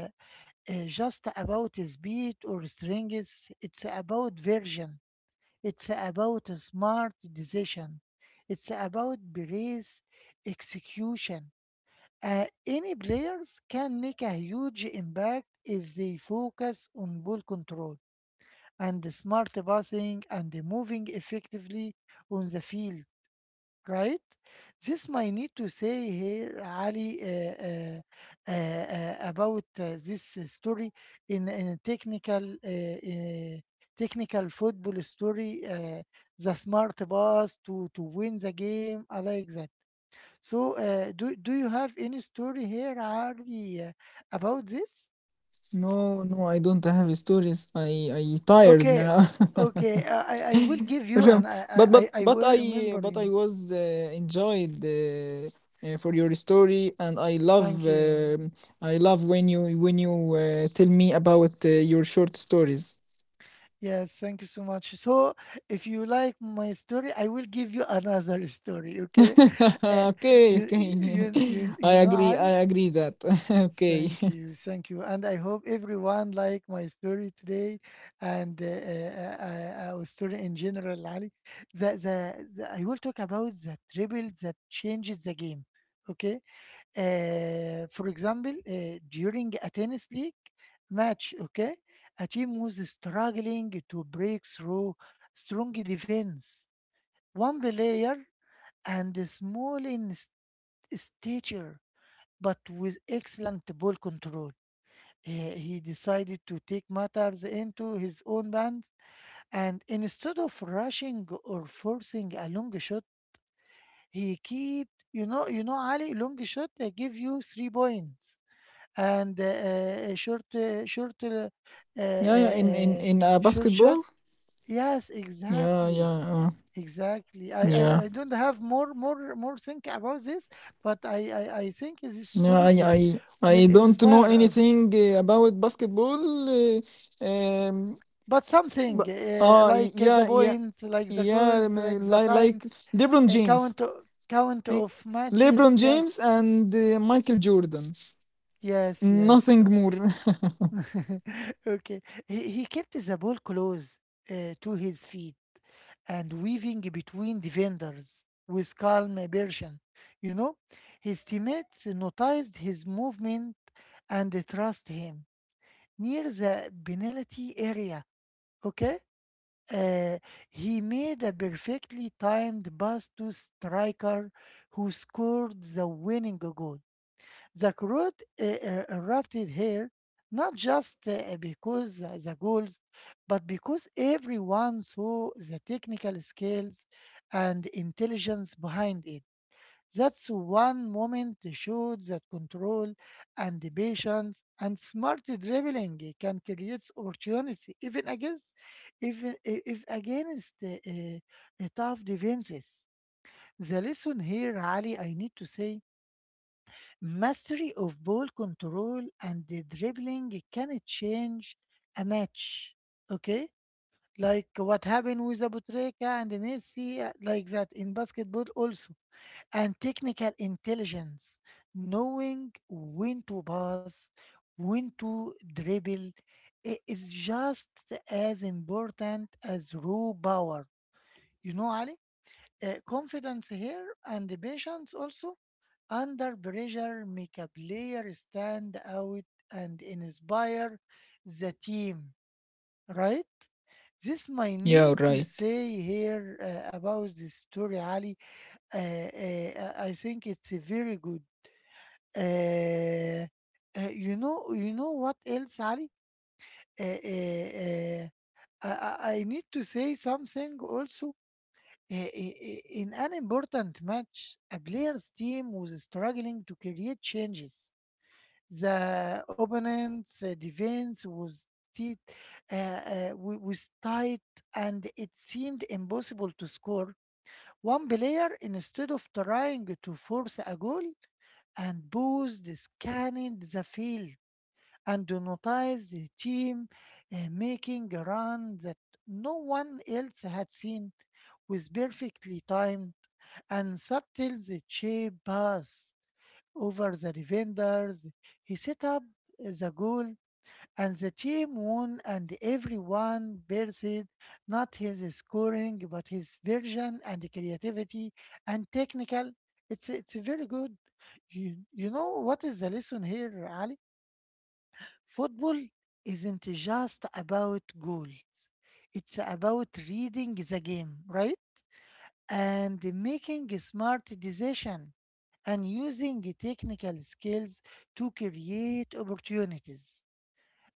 S1: uh, just about speed or strength, it's about version. It's about a smart decision. It's about brace execution. Any players can make a huge impact if they focus on ball control and smart passing and moving effectively on the field, right? This might need to say here, Ali, about this story in technical technical football story, the smart boss to win the game. I like that. So, do do you have any story here, Ali, about this?
S2: No, no, I don't have stories. I tired
S1: Okay,
S2: now.
S1: okay. I will give you,
S2: Um,
S1: and I I
S2: But
S1: I I will remember
S2: I
S1: you.
S2: was enjoyed for your story, and
S1: Thank you.
S2: I love when you tell me about your short stories.
S1: Yes, thank you so much. So, if you like my story, I will give you another story, okay? Uh,
S2: Okay,
S1: you,
S2: okay. I
S1: you know,
S2: agree. I
S1: Ali?
S2: agree that. Okay.
S1: Thank you, thank you. And I hope everyone like my story today and our story in general, Ali. I will talk about the dribble that changes the game, okay? For example, during a tennis league match, okay, a team was struggling to break through strong defense. One player and a small stature, but with excellent ball control. He decided to take matters into his own hands, and instead of rushing or forcing a long shot, he kept, you know, Ali, long shot, they give you 3 points and uh, short, uh, short, uh, uh,
S2: Yeah, yeah. In in
S1: uh,
S2: in uh,
S1: short shot.
S2: basketball.
S1: Yes,
S2: Yeah,
S1: exactly,
S2: yeah, uh,
S1: exactly. I, I,
S2: yeah.
S1: I don't have more think about this, but I think this
S2: No,
S1: story
S2: I I
S1: will
S2: I don't know
S1: inspire us.
S2: anything about basketball. Uh, um,
S1: But something
S2: but
S1: like the
S2: yeah, yeah,
S1: points, like the
S2: yeah.
S1: goals, like the time
S2: Like LeBron
S1: uh,
S2: James.
S1: count, o- count
S2: Eh,
S1: of matches.
S2: LeBron James
S1: Yes,
S2: and Michael Jordan.
S1: yes, yes.
S2: Nothing more.
S1: Okay. He kept the ball close to his feet and weaving between defenders with calm aversion. You know, his teammates noticed his movement and they trust him. Near the penalty area, okay, uh, he made a perfectly timed pass to striker who scored the winning goal. The crowd erupted here, not just because the goals, but because everyone saw the technical skills and intelligence behind it. That's one moment showed that control and the patience and smart dribbling can create opportunity even against if against tough defenses. The lesson here, Ali, I need to say mastery of ball control and the dribbling can change a match. Okay? Like what happened with Abutreka and Messi, like that in basketball also. And technical intelligence, knowing when to pass, when to dribble, is just as important as raw power. You know, Ali? Confidence here and the patience also under pressure make a player stand out and inspire the team, right? This might
S2: Yeah,
S1: need to
S2: right.
S1: say here about this story, Ali. I think it's a very good. Uh, you know, you know what else, Ali? Uh, uh, uh, I need to say something also. In an important match, a player's team was struggling to create changes. The opponent's defense was tight, was tight, and it seemed impossible to score. One player, instead of trying to force a goal, and paused, scanned the field, and noticed the team making a run that no one else had seen with perfectly timed and subtle the shape pass over the defenders. He set up the goal and the team won and everyone praised not his scoring but his vision and creativity and technical. It's very good. You know what is the lesson here, Ali? Football isn't just about goals. It's about reading the game, right? And making smart decision and using the technical skills to create opportunities.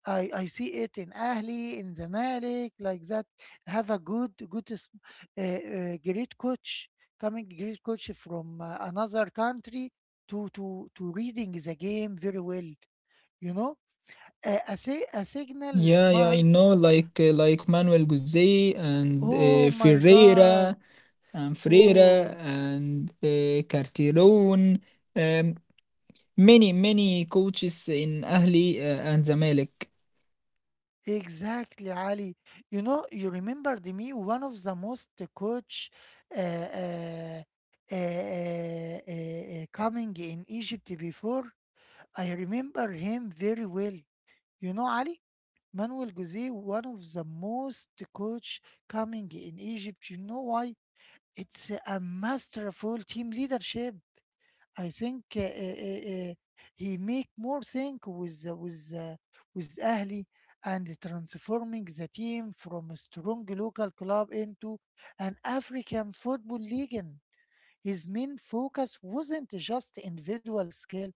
S1: I see it in Ahli, in Zamalek, like that. Have a good, great coach coming, great coach from another country to reading the game very well. You know, a signal
S2: Yeah, yeah. I
S1: smart.
S2: know. Like Manuel Guzzi and
S1: Oh my
S2: Ferreira,
S1: God!
S2: and Freire
S1: Oh.
S2: and Cartiron. Many many coaches in Ahli and Zamalek.
S1: Exactly, Ali. You know, you remember me one of the most coach uh, uh, uh, uh, uh, coming in Egypt before. I remember him very well. You know, Ali, Manuel Jose, one of the most coach coming in Egypt. You know why? It's a masterful team leadership. I think uh, uh, he make more think with with Ahli and transforming the team from a strong local club into an African football league. His main focus wasn't just individual skill;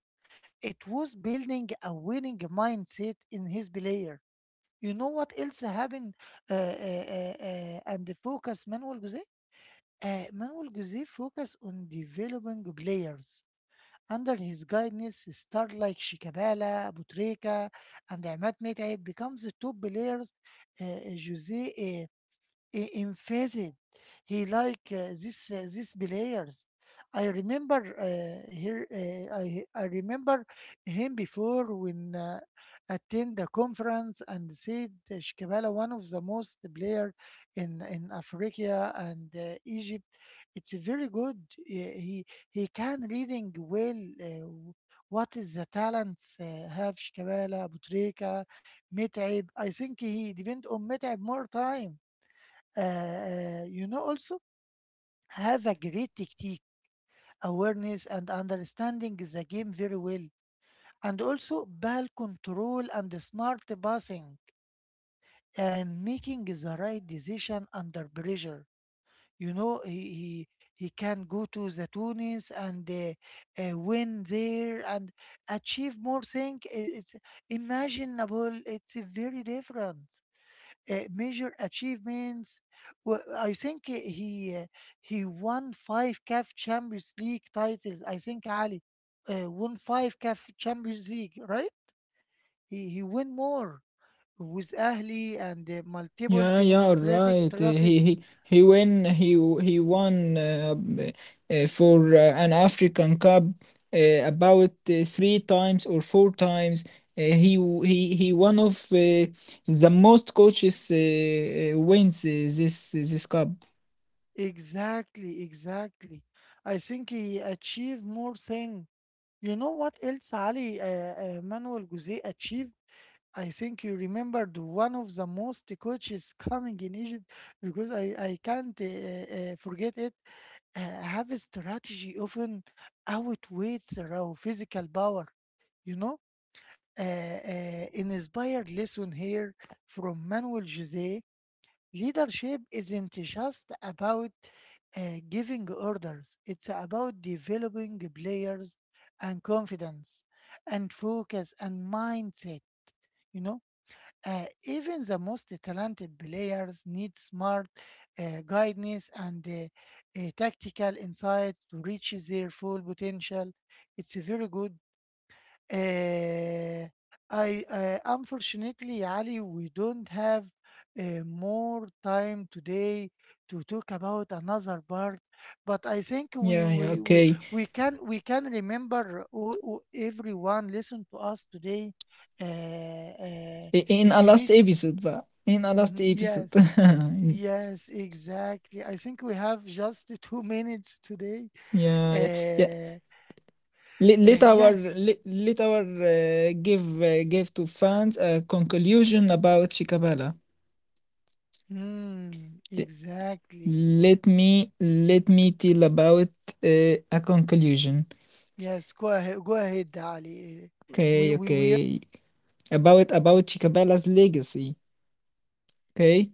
S1: it was building a winning mindset in his player. You know what else happened? And the focus Manuel Jose. Manuel Jose focus on developing players under his guidance, stars like Shikabala, Butreika, and Ahmad Metaib becomes the top players uh, uh, Jose emphasized he like this these players. I remember here I remember him before when attend the conference and said Shikabala one of the most player in Africa and Egypt. It's very good. He he can reading well. Uh, what is the talents have Shikabala, Butreka, Metaib? I think he depend on Metaib more time. You know, also have a great technique, awareness, and understanding the game very well, and also ball control and smart passing, and making the right decision under pressure. You know, he, he can go to the Tunis and win there and achieve more things. It's imaginable. It's very different. Major achievements. I think he won five CAF Champions League titles. I think Ali won five CAF Champions League, right? He won more with Ahli and multiple
S2: Yeah, yeah, all
S1: demonstrative
S2: right.
S1: traffics.
S2: He win he w- He won for an African Cup uh, about three times or four times. He one of the most coaches wins this this cup.
S1: Exactly, exactly. I think he achieved more thing. You know what else Ali Manuel Guzzi achieved? I think you remembered one of the most coaches coming in Egypt because I can't forget it. Have a strategy often outweighs their own physical power, you know? An inspired lesson here from Manuel Jose leadership isn't just about giving orders, it's about developing players and confidence and focus and mindset. You know, even the most talented players need smart guidance and tactical insight to reach their full potential. It's very good. Uh, I unfortunately, Ali, we don't have more time today to talk about another part, but I think
S2: Yeah, yeah, okay.
S1: we can remember all, everyone listen to us today. Uh, uh,
S2: In
S1: if
S2: a
S1: you
S2: last
S1: need
S2: episode, but in a last
S1: Mhm.
S2: episode.
S1: Yes, yes, exactly. I think we have just two minutes today.
S2: Yeah, yeah, yeah.
S1: Uh, yes,
S2: Let, let our give give to fans a conclusion about Shikabala.
S1: mm,
S2: Le-
S1: exactly.
S2: let me tell about a conclusion.
S1: Yes, go ahead, Ali.
S2: Okay,
S1: We we.
S2: okay. About Shikabala's legacy. Okay.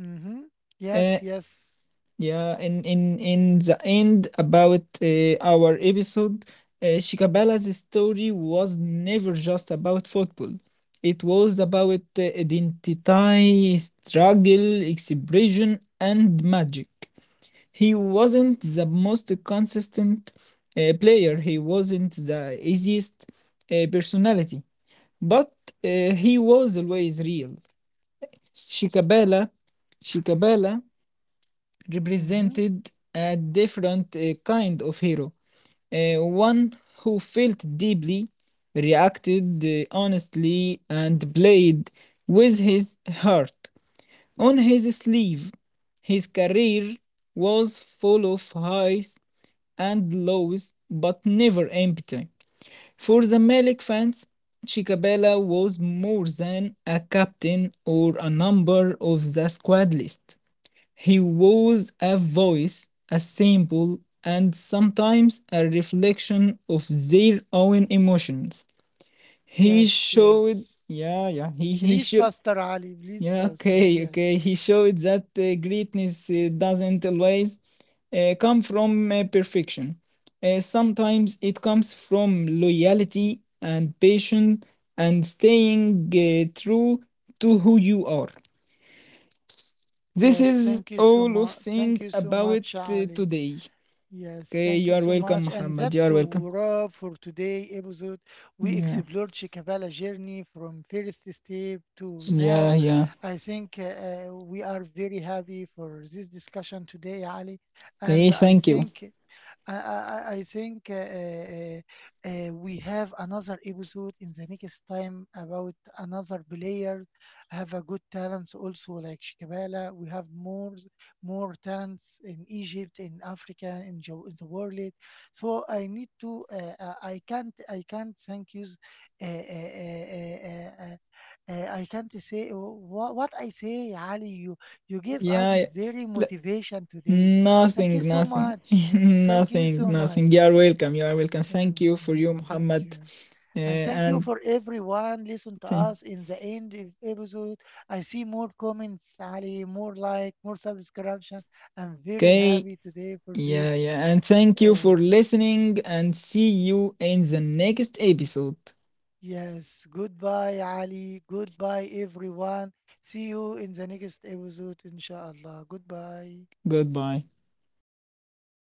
S1: Mm-hmm.
S2: Uh,
S1: Yes, yes.
S2: Yeah, in the end about our episode, Shikabala's story was never just about football. It was about identity, struggle, expression, and magic. He wasn't the most consistent player. He wasn't the easiest personality, but he was always real. Shikabala, Shikabala
S1: Mm-hmm.
S2: represented a different kind of hero, one who felt deeply, reacted honestly, and played with his heart on his sleeve. His career was full of highs and lows, but never empty. For the Malik fans, Chicabella was more than a captain or a number of the squad list. He was a voice, a symbol, and sometimes a reflection of their own emotions. He
S1: Yes,
S2: showed,
S1: yes.
S2: yeah, yeah, he
S1: Please
S2: showed,
S1: faster, Ali. Please
S2: yeah,
S1: faster.
S2: okay,
S1: Yes,
S2: okay, he showed that greatness doesn't always come from perfection. Sometimes it comes from loyalty and patience and staying true to who you are. This
S1: yes.
S2: is
S1: Thank you so
S2: all of
S1: much. Thank
S2: thing
S1: you so
S2: about
S1: much, Ali.
S2: today.
S1: Yes,
S2: Okay,
S1: thank
S2: you
S1: you
S2: are
S1: so
S2: welcome,
S1: much. And
S2: Muhammad. You
S1: that's
S2: are
S1: a
S2: welcome.
S1: wrap for today episode. We
S2: Yeah,
S1: explored Chicabala journey from first step to
S2: yeah,
S1: now.
S2: yeah.
S1: I think we are very happy for this discussion today, Ali. And
S2: Okay, thank you.
S1: I think we have another episode in the next time about another player have a good talents also like Shikabala. We have more talents in Egypt, in Africa, in the world. So I need to. I can't. I can't thank you. Uh, uh, uh, uh, uh, I can't say what I say, Ali. You give us
S2: Yeah,
S1: very
S2: yeah. L-
S1: motivation today. Thank you
S2: nothing,
S1: so
S2: nothing,
S1: much. Thank you
S2: nothing,
S1: so
S2: nothing. You
S1: much.
S2: are welcome. You are welcome. Thank you
S1: Yes,
S2: for you,
S1: thank
S2: Muhammad.
S1: you.
S2: Uh,
S1: And thank you
S2: and
S1: for everyone listen to
S2: Okay,
S1: us in the end of episode. I see more comments, Ali, more like, more subscription. I'm very
S2: okay,
S1: happy today for
S2: yeah,
S1: this.
S2: yeah. And thank you
S1: Uh,
S2: for listening. And see you in the next episode.
S1: yes, goodbye, Ali. Goodbye, everyone. See you in the next episode, inshallah. Goodbye.
S2: Goodbye.